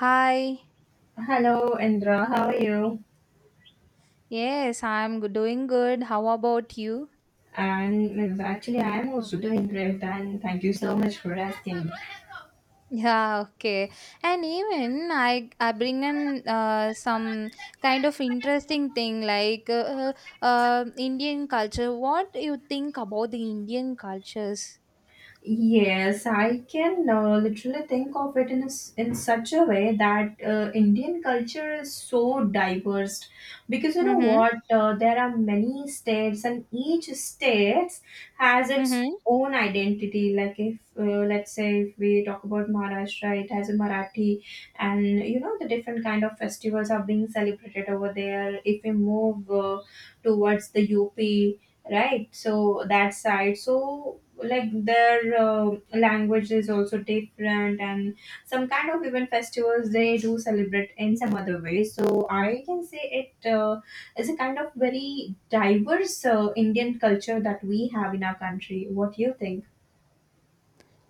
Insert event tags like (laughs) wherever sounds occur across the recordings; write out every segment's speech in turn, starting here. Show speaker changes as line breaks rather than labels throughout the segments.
Hi.
Hello, Indra. How are you?
Yes, I'm doing good. How about you? (laughs)
And actually, I am also doing great, and thank you so much for asking.
Yeah, okay. And even I bring in some kind of interesting thing like Indian culture. What do you think about the Indian cultures?
Yes, I can literally think of it in such a way that Indian culture is so diverse because you know
Mm-hmm.
what, there are many states and each states has its
Mm-hmm.
own identity. Like if let's say if we talk about Maharashtra, it has a Marathi, and you know the different kind of festivals are being celebrated over there. If we move towards the UP, right, so that side, so like their language is also different and some kind of even festivals they do celebrate in some other way, so I can say it is a kind of very diverse Indian culture that we have in our country. What do you think?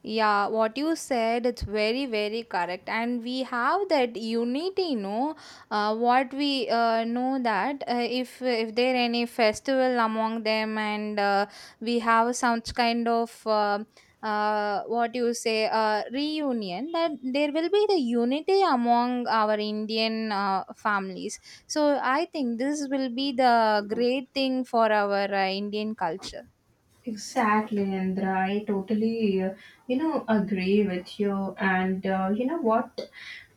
Yeah, what you said, it's very, very correct. And we have that unity, no? What we know that if there any festival among them and we have some kind of what you say, reunion, that there will be the unity among our Indian families. So I think this will be the great thing for our Indian culture.
Exactly, Indra. I totally, agree with you. And you know what?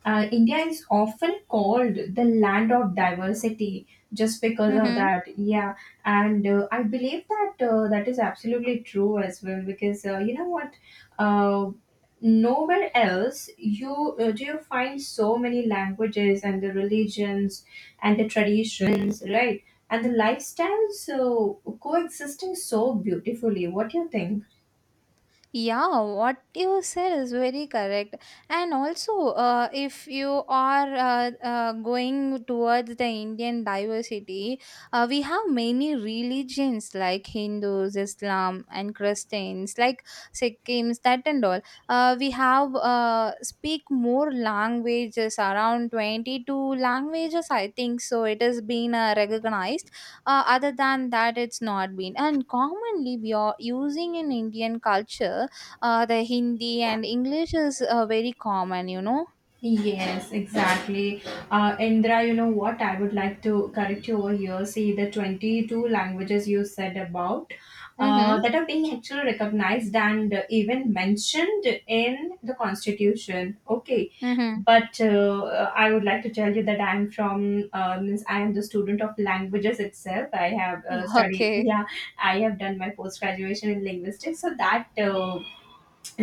India is often called the land of diversity just because of
Mm-hmm.
that. Yeah, and I believe that that is absolutely true as well. Because you know what? Uh, Nowhere else you do you find so many languages and the religions and the traditions, right, and the lifestyles so coexisting so beautifully. What do you think?
Yeah, what you said is very correct. And also, if you are going towards the Indian diversity, we have many religions like Hindus, Islam, and Christians, like Sikhs, that and all. We have speak more languages, around 22 languages, I think so. It has been recognized other than that it's not been, and commonly we are using in Indian culture the Hindi and English is very common.
Yes, exactly. Indra, you know what? I would like to correct you over here. See, the 22 languages you said about
Mm-hmm.
that are being actually recognized and even mentioned in the constitution. Okay.
Mm-hmm.
But I would like to tell you that I'm from, means I am the student of languages itself. I have
(laughs)
studied,
Okay.
yeah, I have done my post graduation in linguistics. So that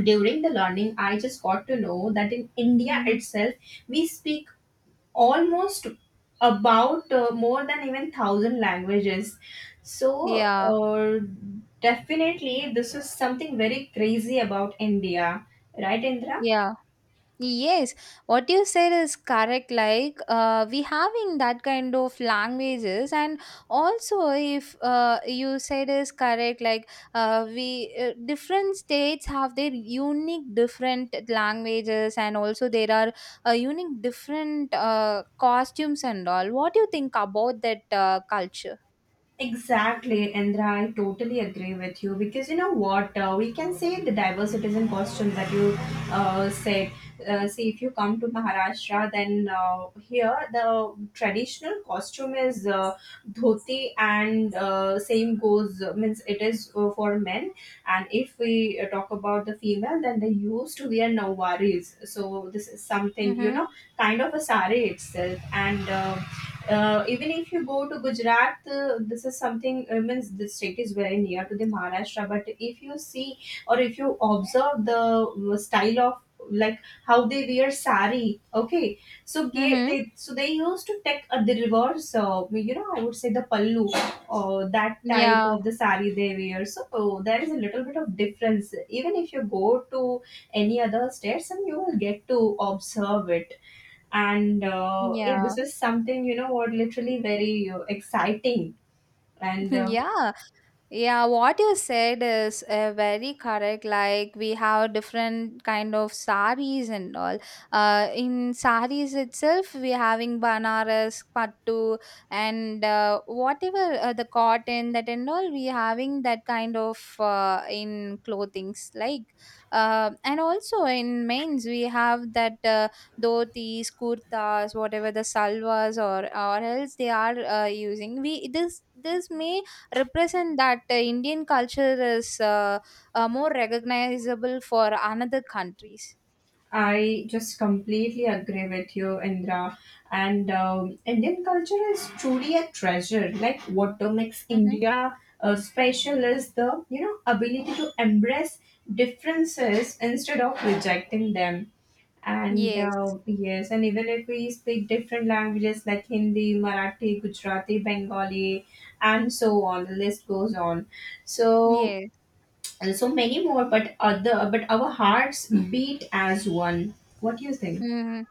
during the learning, I just got to know that in India
Mm-hmm.
itself we speak almost about more than even 1000 languages. So
Yeah,
uh, definitely this is something very crazy about India, right, Indra?
yeah. Yes, what you said is correct. Like, we having that kind of languages, and also if you said is correct, like, we different states have their unique different languages, and also there are unique different costumes and all. What do you think about that culture?
Exactly, Indra. I totally agree with you, because you know what, we can say the diverse citizen question that you said. See, if you come to Maharashtra, then here the traditional costume is dhoti, and same goes means it is for men. And if we talk about the female, then they used to wear nawaris. So this is something, you
Mm-hmm.
know, kind of a sari itself. And. Even if you go to Gujarat, this state is very near to the Maharashtra. But if you see or if you observe the style of like how they wear sari, okay, so
Mm-hmm.
they used to take the reverse, you know, I would say the pallu or that type
Yeah.
of the sari they wear. So there is a little bit of difference. Even if you go to any other states, and you will get to observe it. And yeah, this
Yeah.
is something, you know what, literally very exciting.
(laughs)
And
Yeah. Yeah, what you said is very correct. Like we have different kind of saris and all. In saris itself, we having banaras, pattu, and whatever the cotton that and all. We having that kind of in clothings like, and also in men's we have that dhotis, kurtas, whatever the salvas or else they are using. We this may represent that Indian culture is more recognizable for another countries.
I just completely agree with you, Indra. And Indian culture is truly a treasure. Like, what makes
Mm-hmm.
India special is the, you know, ability to embrace differences instead of rejecting them. And
Yes.
yes, and even if we speak different languages like Hindi, Marathi, Gujarati, Bengali, and so on, the list goes on. So,
Yes.
and so many more, but our hearts beat as one. What do you think?
Mm-hmm.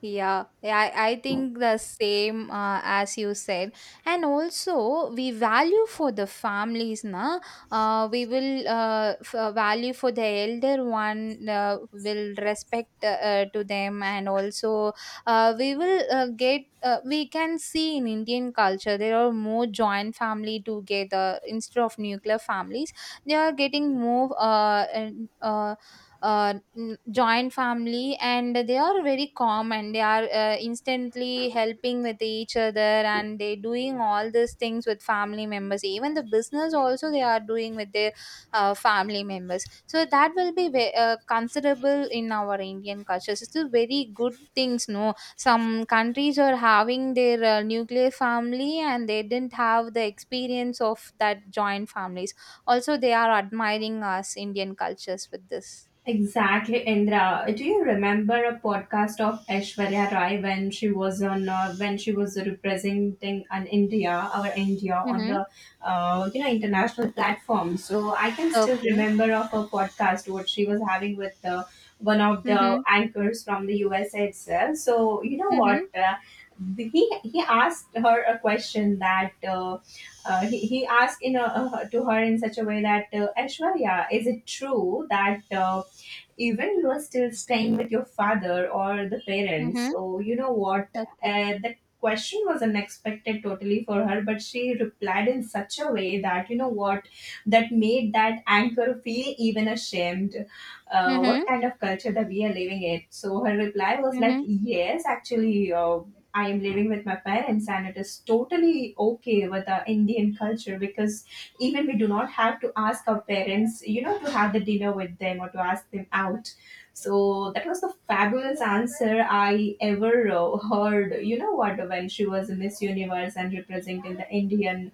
Yeah, yeah, I think the same as you said. And also, we value for the families, na? We will value for the elder one, will respect to them, and also we will get. We can see in Indian culture there are more joint family together instead of nuclear families. They are getting more and, joint family, and they are very calm, and they are instantly helping with each other, and they doing all these things with family members, even the business also they are doing with their family members, so that will be considerable in our Indian culture. So it's a very good things, no? Some countries are having their nuclear family and they didn't have the experience of that joint families. Also they are admiring us Indian cultures with this.
Exactly, Indra. Do you remember a podcast of Aishwarya Rai when she was on when she was representing an India, our India, on the
Mhm.
you know, international platform? So I can still
Okay.
remember of her podcast what she was having with one of the
Mhm.
anchors from the USA itself. So you know what.
Mhm.
He asked her a question that he asked to her in such a way that, Aishwarya, is it true that even you are still staying with your father or the parents.
Mhm.
So, you know what?
Okay.
The question was unexpected totally for her, but she replied in such a way that, you know what, that made that anchor feel even ashamed. What
Mhm.
kind of culture that we are living in? So, her reply was like,
Mhm.
yes, actually. I am living with my parents, and it is totally okay with the Indian culture, because even we do not have to ask our parents, you know, to have the dinner with them or to ask them out. So that was the fabulous answer I ever heard, you know what, when she was a Miss Universe and representing the Indian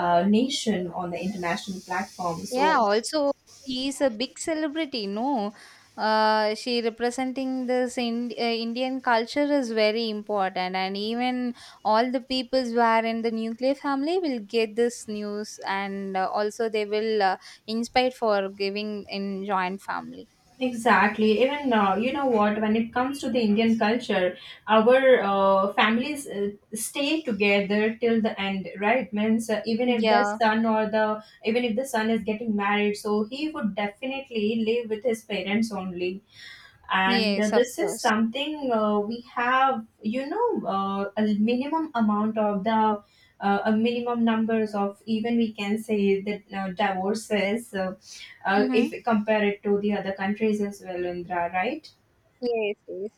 nation on the international platform. So
Yeah, also she is a big celebrity, no? She representing this Indian culture is very important, and even all the peoples who are in the nuclear family will get this news, and also they will inspire for giving in joint family.
exactly. Even you know what? When it comes to the Indian culture, our families stay together till the end, right? Means
Yeah.
even if the son is getting married, so he would definitely live with his parents only. And
Yes, of
this is
course.
something, we have, you know, a minimum numbers of, even we can say that, divorces, if
Mm-hmm.
we compare it to the other countries as well, Indra, right?
Yes. Yes.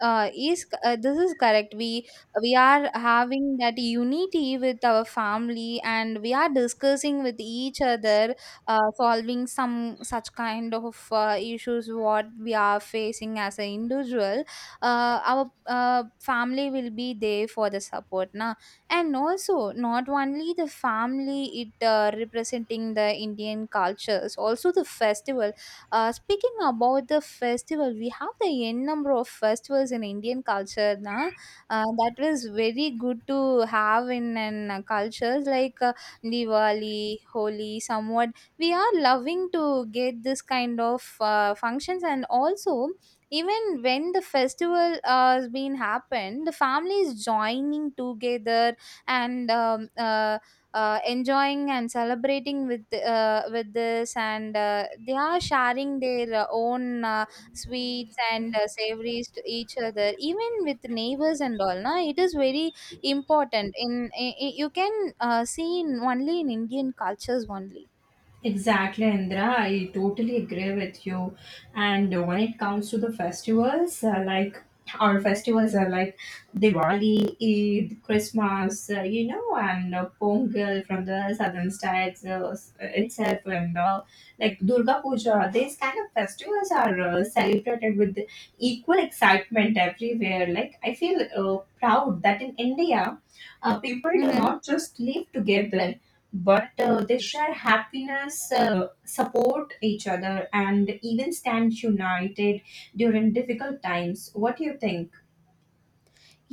is This is correct. We are having that unity with our family, and we are discussing with each other, solving some such kind of issues what we are facing as an individual. Our family will be there for the support, now. And also not only the family, it representing the Indian cultures, also the festival. Speaking about the festival, we have the n number of festivals in Indian culture. Na? That was very good to have in cultures like Diwali, Holi, somewhat. We are loving to get this kind of functions, and also even when the festival has been happened, the families joining together and enjoying and celebrating with this, and they are sharing their own sweets and savories to each other even with neighbors and all, na. It is very important in, you can see in only in Indian cultures only.
Exactly, Indra. I totally agree with you. And when it comes to the festivals, like our festivals are like Diwali, Eid, Christmas, you know, and Pongal from the southern states itself, and like Durga Puja. These kind of festivals are celebrated with equal excitement everywhere. Like, I feel proud that in India, people do
Mm-hmm.
not just live together, but they share happiness, support each other, and even stand united during difficult times. What do you think?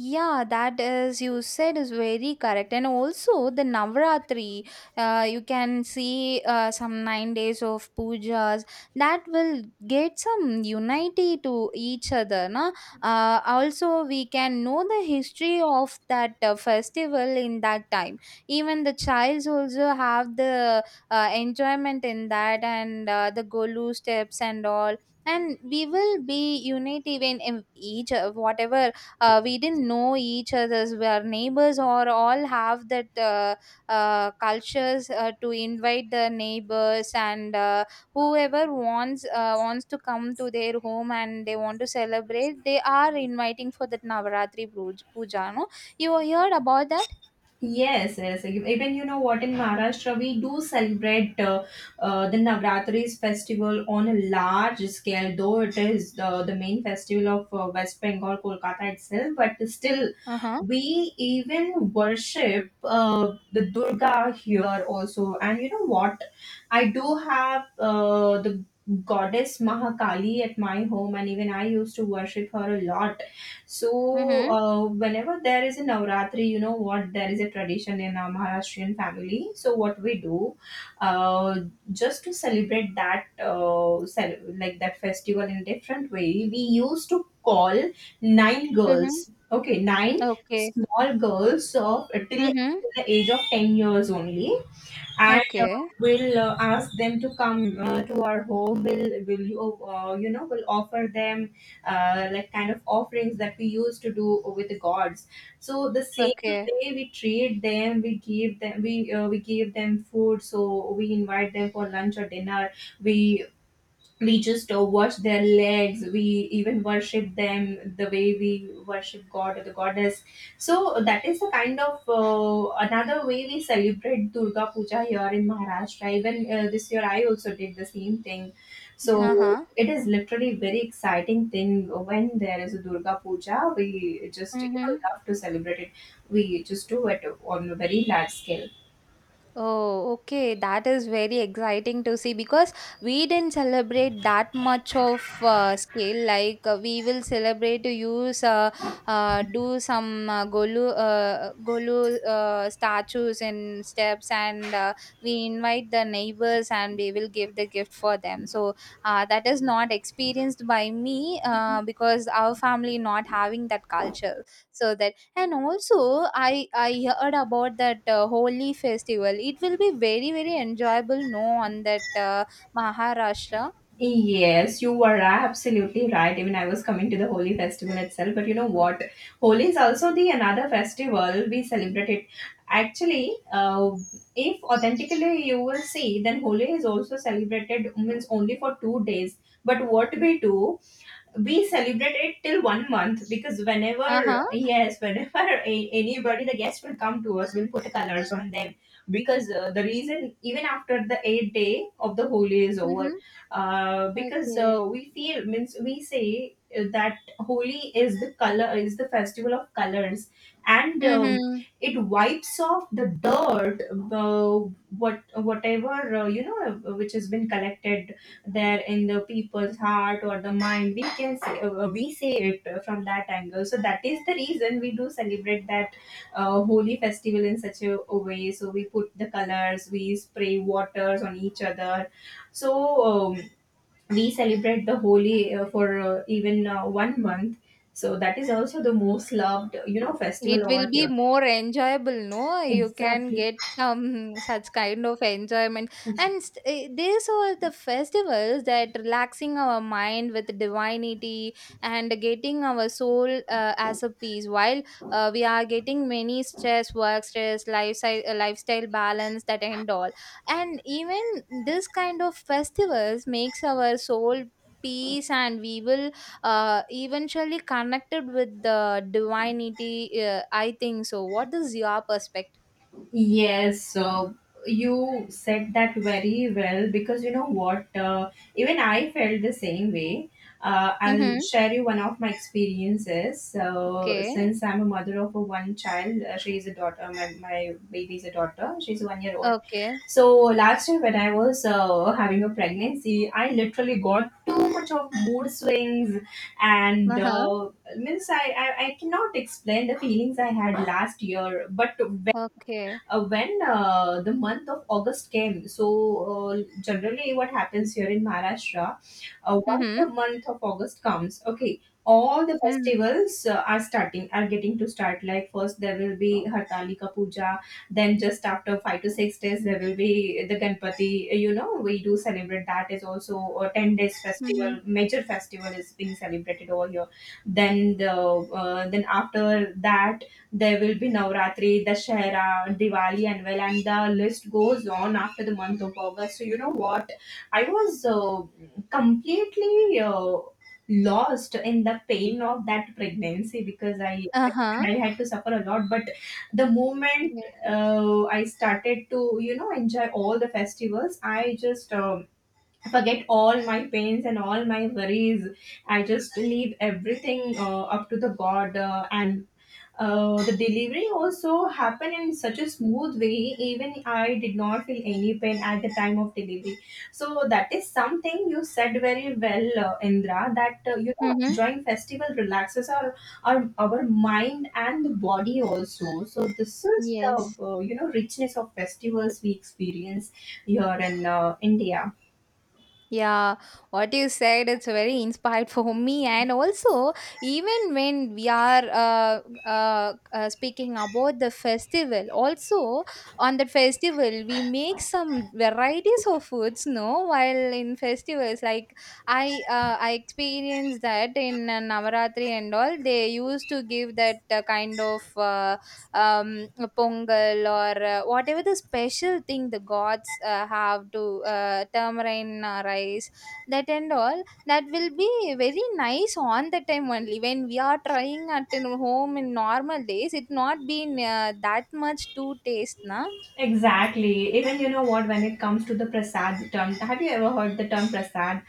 Yeah, that is you said is very correct, and also the Navratri, you can see some 9 days of pujas that will get some unity to each other. Na? Also, we can know the history of that festival in that time. Even the childs also have the enjoyment in that, and the golu steps and all. And we will be unity when each whatever we didn't know each other's, we are neighbors or all have that cultures to invite the neighbors, and whoever wants to come to their home and they want to celebrate, they are inviting for that Navaratri puja, no? You heard about that?
Yes, yes. Even you know what, in Maharashtra we do celebrate the Navratris festival on a large scale, though it is the main festival of West Bengal, Kolkata itself. But still,
Uh-huh.
we even worship the Durga here also. And you know what? I do have the goddess Mahakali at my home, and even I used to worship her a lot. So,
Mm-hmm.
whenever there is a Navratri, you know what, there is a tradition in our Maharashtrian family. So, what we do, uh, just to celebrate that, like that festival in a different way, we used to call nine
Mm-hmm.
girls, okay, nine
Okay.
small girls of till
Mm-hmm.
the age of 10 years only. And
Okay.
we'll ask them to come to our home. Will you know, we'll offer them like kind of offerings that we used to do with the gods. So the same
Okay.
way we treat them, we give them, we give them food, so we invite them for lunch or dinner. we we just watch their legs, we even worship them the way we worship god or the goddess. So that is the kind of another way we celebrate Durga Puja here in Maharashtra. Even this year I also did the same thing, so
Uh-huh.
it is literally very exciting thing. When there is a Durga Puja, we just, you know,
Mm-hmm.
love to celebrate it. We just do it on a very large scale.
Oh, okay. That is very exciting to see because we didn't celebrate that much of scale. Like we will celebrate to use do some golu statues and steps, and we invite the neighbors and we will give the gift for them. So that is not experienced by me because our family not having that culture. So that, and also I heard about that Holy festival, it will be very very enjoyable, no, on that Maharashtra.
Yes, you were absolutely right. Even I was coming to the Holi festival itself, but you know what? Holi is also the another festival we celebrate it. Actually, if authentically you will see, then Holi is also celebrated means only for 2 days. But what we do, we celebrate it till 1 month, because
Uh-huh.
whenever (laughs) anybody, the guests will come to us, we'll put the colors on them. Because the reason, even after the eighth day of the holy is over,
Mm-hmm.
because
Okay.
we feel means we say that holy is the color is the festival of colors. And
Mm-hmm.
it wipes off the dirt, whatever, you know, which has been collected there in the people's heart or the mind, we can say, we say it from that angle. So that is the reason we do celebrate that holy festival in such a way. So we put the colors, we spray waters on each other. So we celebrate the holy for even 1 month. So that is also the most loved, you know, festival
It
over
will be
here.
more enjoyable, no? You can
Exactly.
get some (laughs) such kind of enjoyment. And these are the festivals that relaxing our mind with divinity and getting our soul as a peace. While we are getting many stress, work stress, lifestyle, lifestyle balance, that end all. And even this kind of festivals makes our soul peace, and we will eventually connected with the divinity. I think so. What is your perspective?
Yes, so you said that very well, because you know what? Even I felt the same way. I'll
Mm-hmm.
share you one of my experiences. So,
Okay.
since I'm a mother of a one child, she is a daughter, my baby is a daughter, she's 1 year old.
Okay.
So, last year when I was having a pregnancy, I literally got too much of mood swings, and
Uh huh.
uh, means I, I, I cannot explain the feelings I had last year, but
Okay.
when the month of August came. So generally what happens here in Maharashtra, once the
Mm-hmm.
month of august comes, okay, all the
Mm-hmm.
festivals are starting, are getting to start. Like first there will be hartalika puja, then just after 5 to 6 days there will be the ganpati, you know, we do celebrate That is also a 10 days
Mm-hmm.
festival, major festival is being celebrated over here. Then the then after that there will be Navratri, Dashera, Diwali, and well, and the list goes on after the month of August. So you know what? I was completely lost in the pain of that pregnancy because I
Uh huh.
I had to suffer a lot. But the moment
Okay.
I started to, you know, enjoy all the festivals, I just I forget all my pains and all my worries. I just leave everything up to the God, and the delivery also happened in such a smooth way. Even I did not feel any pain at the time of delivery. So that is something you said very well, indra, that you know,
Mm-hmm.
enjoying festival relaxes our mind and the body also. So this is the,
Yes.
you know, richness of festivals we experience here in india.
Yeah, what you said it's very inspired (laughs) for me, and also even when we are speaking about the festival, also on that festival we make some varieties of foods. No, while in festivals, like I experienced that in Navaratri and all, they used to give that kind of. A pongal or whatever the special thing the gods have to tamarind rice that and all, that will be very nice on the time only. When we are trying at in home in normal days, it not been that much to taste, na.
Exactly. Even you know what, when it comes to the prasad term, have you ever heard the term prasad?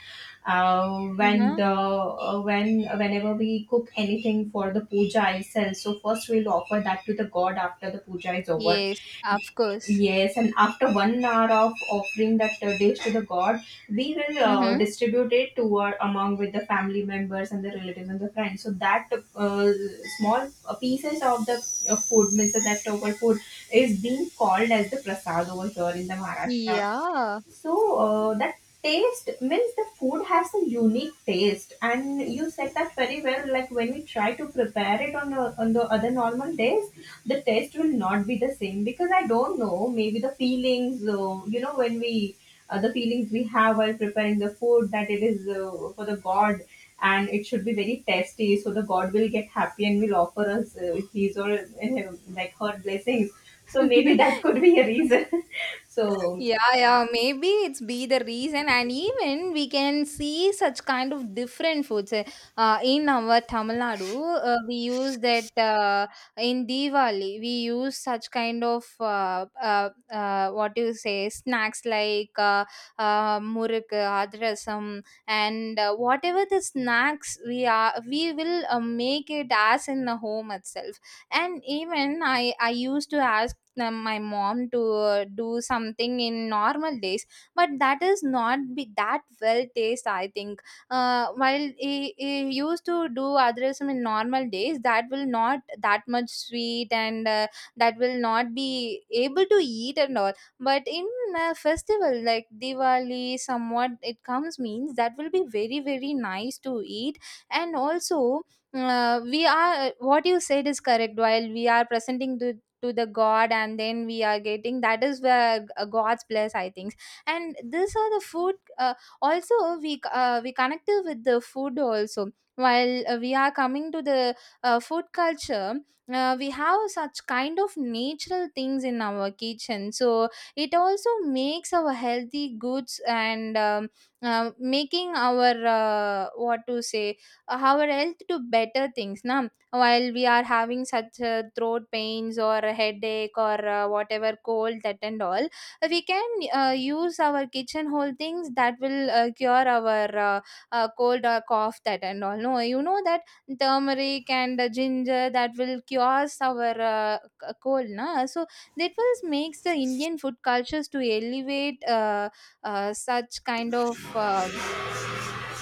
Uh, when
Uh-huh.
the uh, when whenever we cook anything for the puja itself, so first we'll offer that to the god after the puja is over.
Yes, of course.
Yes, and after 1 hour of offering that dish to the god, we will
Mm-hmm.
distribute it to our among with the family members and the relatives and the friends. So that uh, small pieces of the food, means the leftover food, is being called as the prasad over here in the Maharashtra.
Yeah.
So that taste, means the food has a unique taste, and you said that very well. Like when we try to prepare it on the other normal days, the taste will not be the same because I don't know. Maybe the feelings, you know, when we the feelings we have while preparing the food, that it is for the God, and it should be very tasty, so the God will get happy and will offer us his or like her blessings. So maybe (laughs) that could be a
(laughs)
reason. (laughs) So,
Yeah, yeah, maybe it's be the reason, and even we can see such kind of different foods. In our Tamil Nadu, we use that in Diwali, we use such kind of what do you say snacks like muruk, adrasam, and whatever the snacks we will make it as in the home itself. And even I used to ask my mom to do something in normal days, but that is not be that well taste, I think. While he used to do adresam in normal days, that will not that much sweet, and that will not be able to eat and all. But in a festival like Diwali somewhat it comes, means that will be very very nice to eat. And also we are what you said is correct. While we are presenting the, to the God, and then we are getting, that is where God's bless, I think. And these are the food, also, we connected with the food also. While we are coming to the food culture, we have such kind of natural things in our kitchen, so it also makes our healthy goods. And making our what to say, our health to better things, na. While we are having such throat pains or a headache or whatever cold that and all, we can use our kitchen whole things that will cure our cold or cough that and all, no? You know that turmeric and ginger that will cure our cold, na. So that was makes the Indian food cultures to elevate such kind of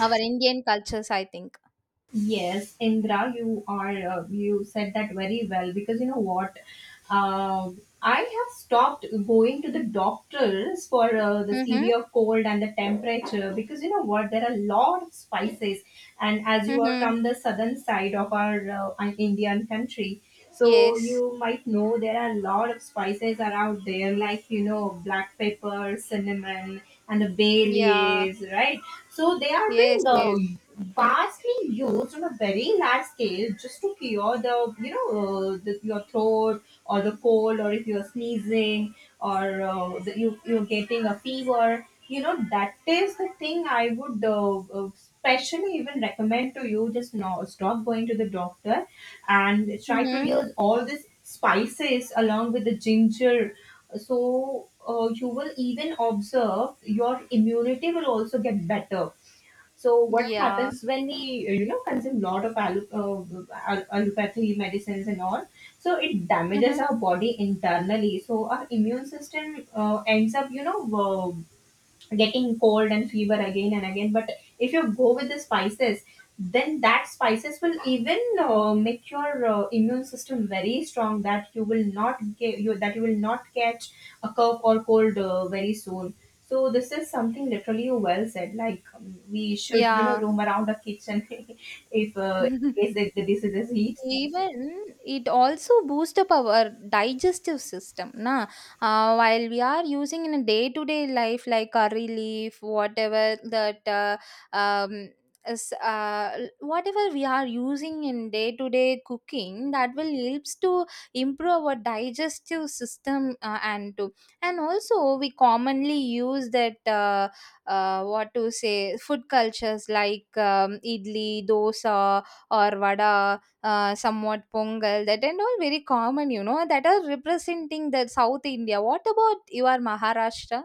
our Indian cultures, I think.
yes, Indra, you said that very well, because you know what, uh, I have stopped going to the doctors for the
Mm-hmm.
severe cold and the temperature. Because you know what, there are a lot of spices, and as you are
Mm-hmm.
from the southern side of our an Indian country, so
Yes,
you might know there are a lot of spices are out there, like, you know, black pepper, cinnamon, and the bay
yeah.
leaves, right? So they are being
Yes, yes.
bars being used on a very large scale just to cure the, you know, the, your throat or the cold, or if you're sneezing or the, you you're getting a fever. You know, that is the thing I would especially even recommend to you. Just, no, stop going to the doctor and try to
Mhm.
use all these spices along with the ginger. So you will even observe your immunity will also get better. So what
Yeah.
happens when we, you know, consume lot of allopathy medicines and all? So it damages
Mhm.
our body internally. So our immune system ends up, you know, getting cold and fever again and again. But if you go with the spices, then that spices will even make your immune system very strong. That you will not get you, that you will not catch a cough or cold very soon. So this is something literally you well said. Like, we should, you know,
Yeah.
roam around the kitchen (laughs) if in case
(laughs)
the disease is heat.
Even it also boosts up our digestive system, na. While we are using in a day to day life like curry leaf, whatever that um whatever we are using in day to day cooking, that will helps to improve our digestive system and to and also we commonly use that what to say food cultures like idli, dosa or vada, somewhat Pongal, that and all very common, you know, that are representing the South India. What about your Maharashtra?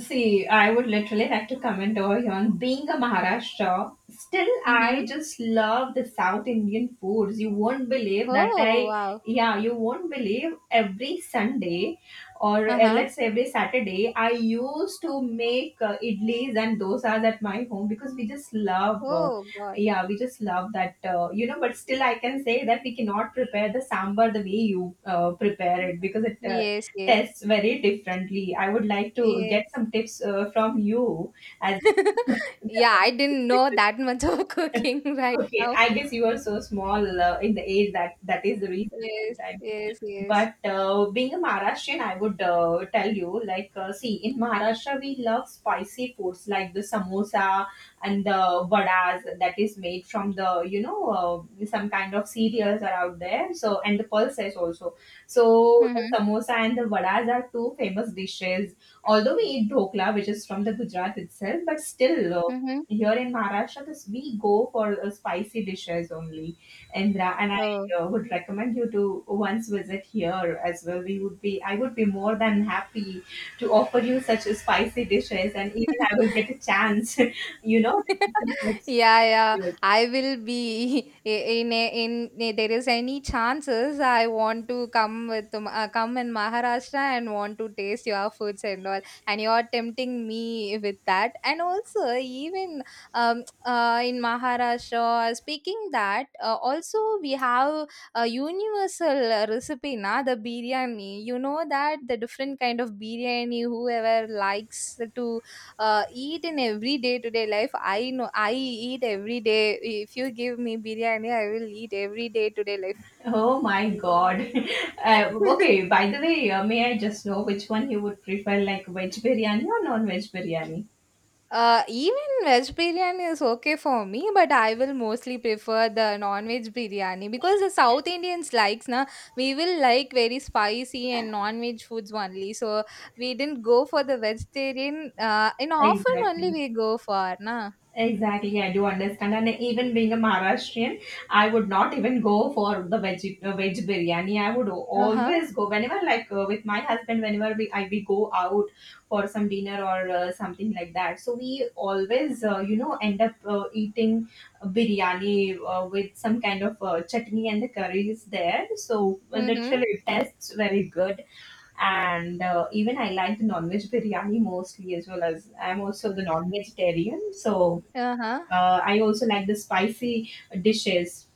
See, I would literally like to comment over here on being a Maharashtra. Still,
Mm-hmm.
I just love the South Indian foods. You won't believe that
Oh,
I,
wow.
yeah, you won't believe every Sunday or
Uh-huh.
let's say every Saturday, I used to make idlis and dosas at my home because we just love,
Oh, God.
yeah, we just love that, you know. But still, I can say that we cannot prepare the sambar the way you prepare it because it
Yes, yes.
tests very differently. I would like to
Yeah.
get some tips from you as
(laughs) Yeah, I didn't know that much of (laughs)
(laughs)
cooking right
okay,
now.
I guess you are so small in the age, that that is the reason
Yes,
sometimes.
yes, yes.
But being a Maharashtrian, I would tell you, like, see, in Maharashtra, we love spicy foods like the samosa and the vadas, that is made from the, you know, some kind of cereals are out there. So, and the pulses also. So,
Mm-hmm.
the samosa and the vadas are two famous dishes. Although we eat dhokla, which is from the Gujarat itself, but still,
Mm-hmm.
here in Maharashtra, this, we go for spicy dishes only. Indra, and
Oh.
would recommend you to once visit here as well. We would be, I would be more than happy to offer you such spicy dishes, and even I will get
(laughs)
a chance, (laughs) you know.
(laughs) Yeah, yeah, I will be (laughs) there is any chances I want to come with come in Maharashtra and want to taste your foods and all, and you are tempting me with that and also even, (tsk) in Maharashtra speaking that, also we have a universal recipe na, the biryani, you know, that the different kind of biryani whoever likes to eat in every day to day life. I know I eat every day. If you give me biryani, I will eat every day to day life.
Oh my God. (laughs) Okay,
(laughs)
by the way, may I just know which one you would prefer, like veg biryani or non-veg biryani?
Even veg biryani is okay for me, but I will mostly prefer the non-veg biryani because the South Indians likes na, we will like very spicy and non-veg foods only. So we didn't go for the vegetarian. In often only
Exactly.
we go for na.
Exactly, yeah, I do understand. And even being a Maharashtrian, I would not even go for the veg biryani. I would
Uh huh.
always go whenever, like, with my husband, whenever we go out for some dinner or something like that. So we always, you know, end up eating biryani with some kind of chutney, and the curry is there. So well,
Mm hmm.
literally, it tastes very good, and even I like the non-veg biryani mostly, as well as I'm also the non-vegetarian. So
Uh huh.
I also like the spicy dishes.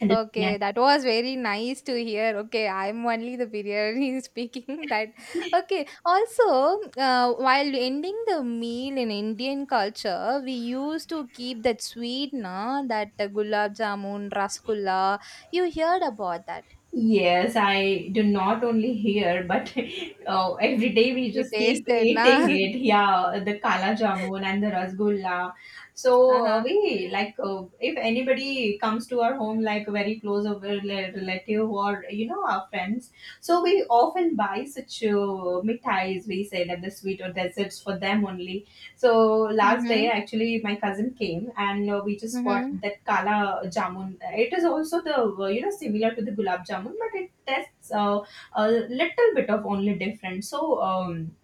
And the
Okay,
biryani.
that was very nice to hear. Okay, I'm only the biryani (laughs) speaking that. Okay, also, while ending the meal in Indian culture, we used to keep that sweet, na, that gulab jamun, rasgulla. You heard about that.
Yes, I do not only hear, but (laughs) every day we
You
just keep
tasted,
eating
na? (laughs)
it. Yeah, the kala jamun and the rasgulla. So
Uh-huh.
we like, if anybody comes to our home, like very close of a relative, or you know, our friends, so we often buy such mithais. We say that the sweet or desserts for them only. So last
Mm-hmm.
day, actually, my cousin came and we just bought
Mm-hmm.
that kala jamun. It is also the, you know, similar to the gulab jamun, but it tastes a little bit of only different. So,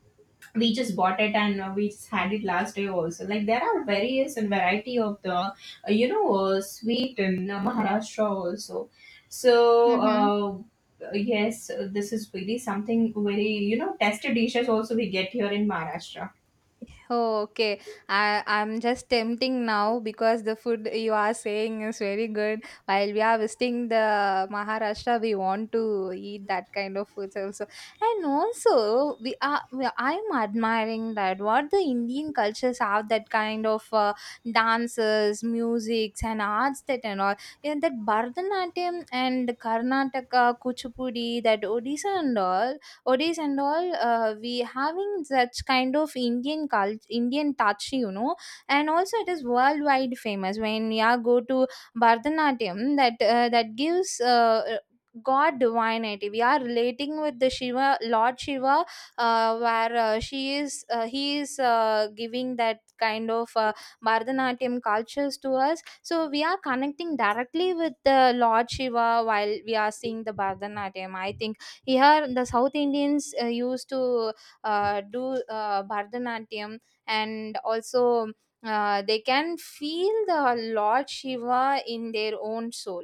we just bought it and we just had it last day also. Like there are various and variety of the, you know, sweet in Maharashtra also. So.
Mm-hmm.
Uh, Yes, this is really something very, you know, tasty dishes also we get here in Maharashtra.
Oh, okay. I'm just tempting now because the food you are saying is very good. While we are visiting the Maharashtra, we want to eat that kind of foods also. And also, I'm admiring that what the Indian cultures have, that kind of dances, musics, and arts that and all. Yeah, that Bharatanatyam and Karnataka, Kuchipudi, that Odisha and all, odis and all, we having such kind of Indian culture, Indian touch, you know, and also it is worldwide famous. When you go to Bharatanatyam, that gives, god divinity, we are relating with the shiva lord Shiva, where, she is he is, giving that kind of, Bharatanatyam cultures to us, so we are connecting directly with the Lord Shiva while we are seeing the Bharatanatyam. I think here, the South Indians used to do Bharatanatyam and also they can feel the Lord Shiva in their own soul.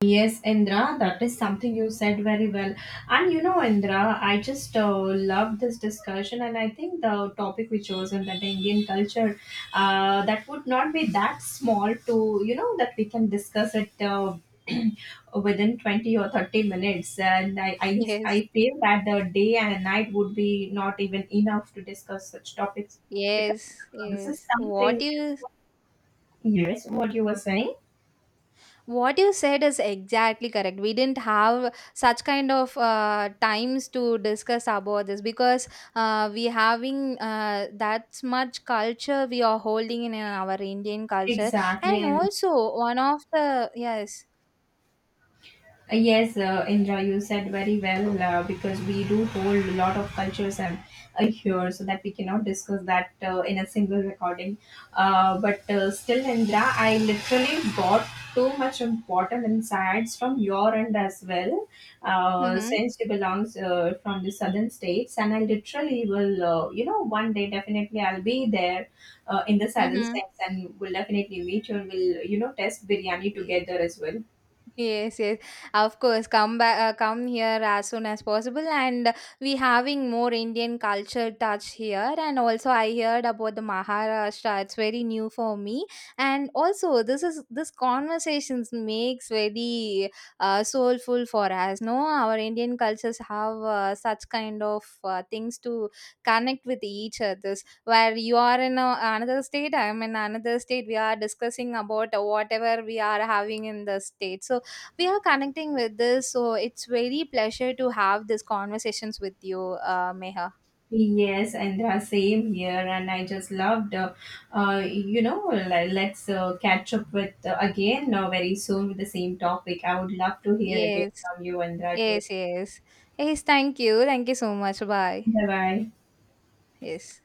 Yes, Indra, that is something you said very well. And you know, Indra, I just love this discussion, and I think the topic we chosen, that the Indian culture, that would not be that small to, you know, that we can discuss it (clears throat) within 20 or 30 minutes. And I, I,
Yes,
I feel that the day and night would be not even enough to discuss such topics, because
yes,
this is
yes.
something. Yes, what you were saying
What you said is exactly correct. We didn't have such kind of times to discuss about this because we having that much culture we are holding in our Indian culture,
exactly,
and
and
also one of the, yes,
Yes, Indra, you said very well because we do hold a lot of cultures and here, so that we cannot discuss that in a single recording. But still, Indra, I literally got too much important insights from your end as well,
mm-hmm,
since you belong from the southern states, and I literally will, you know, one day definitely I'll be there in the southern
mm-hmm.
states, and we'll definitely meet you and we'll, you know, test biryani together as well.
Yes, yes, of course. Come back, come here as soon as possible, and we having more Indian culture touch here. And also, I heard about the Maharashtra. It's very new for me, and also this conversations makes very soulful for us. No, our Indian cultures have such kind of things to connect with each other. Where you are in a, another state, I'm in another state. We are discussing about whatever we are having in the state. So we are connecting with this, so it's very pleasure to have these conversations with you, Meha.
Yes, and same here. And I just loved, you know, let's catch up with again very soon with the same topic. I would love to hear again
Yes,
from you, Andra. It was
yes, yes, yes, thank you, thank you so much, bye.
bye bye.
Yes.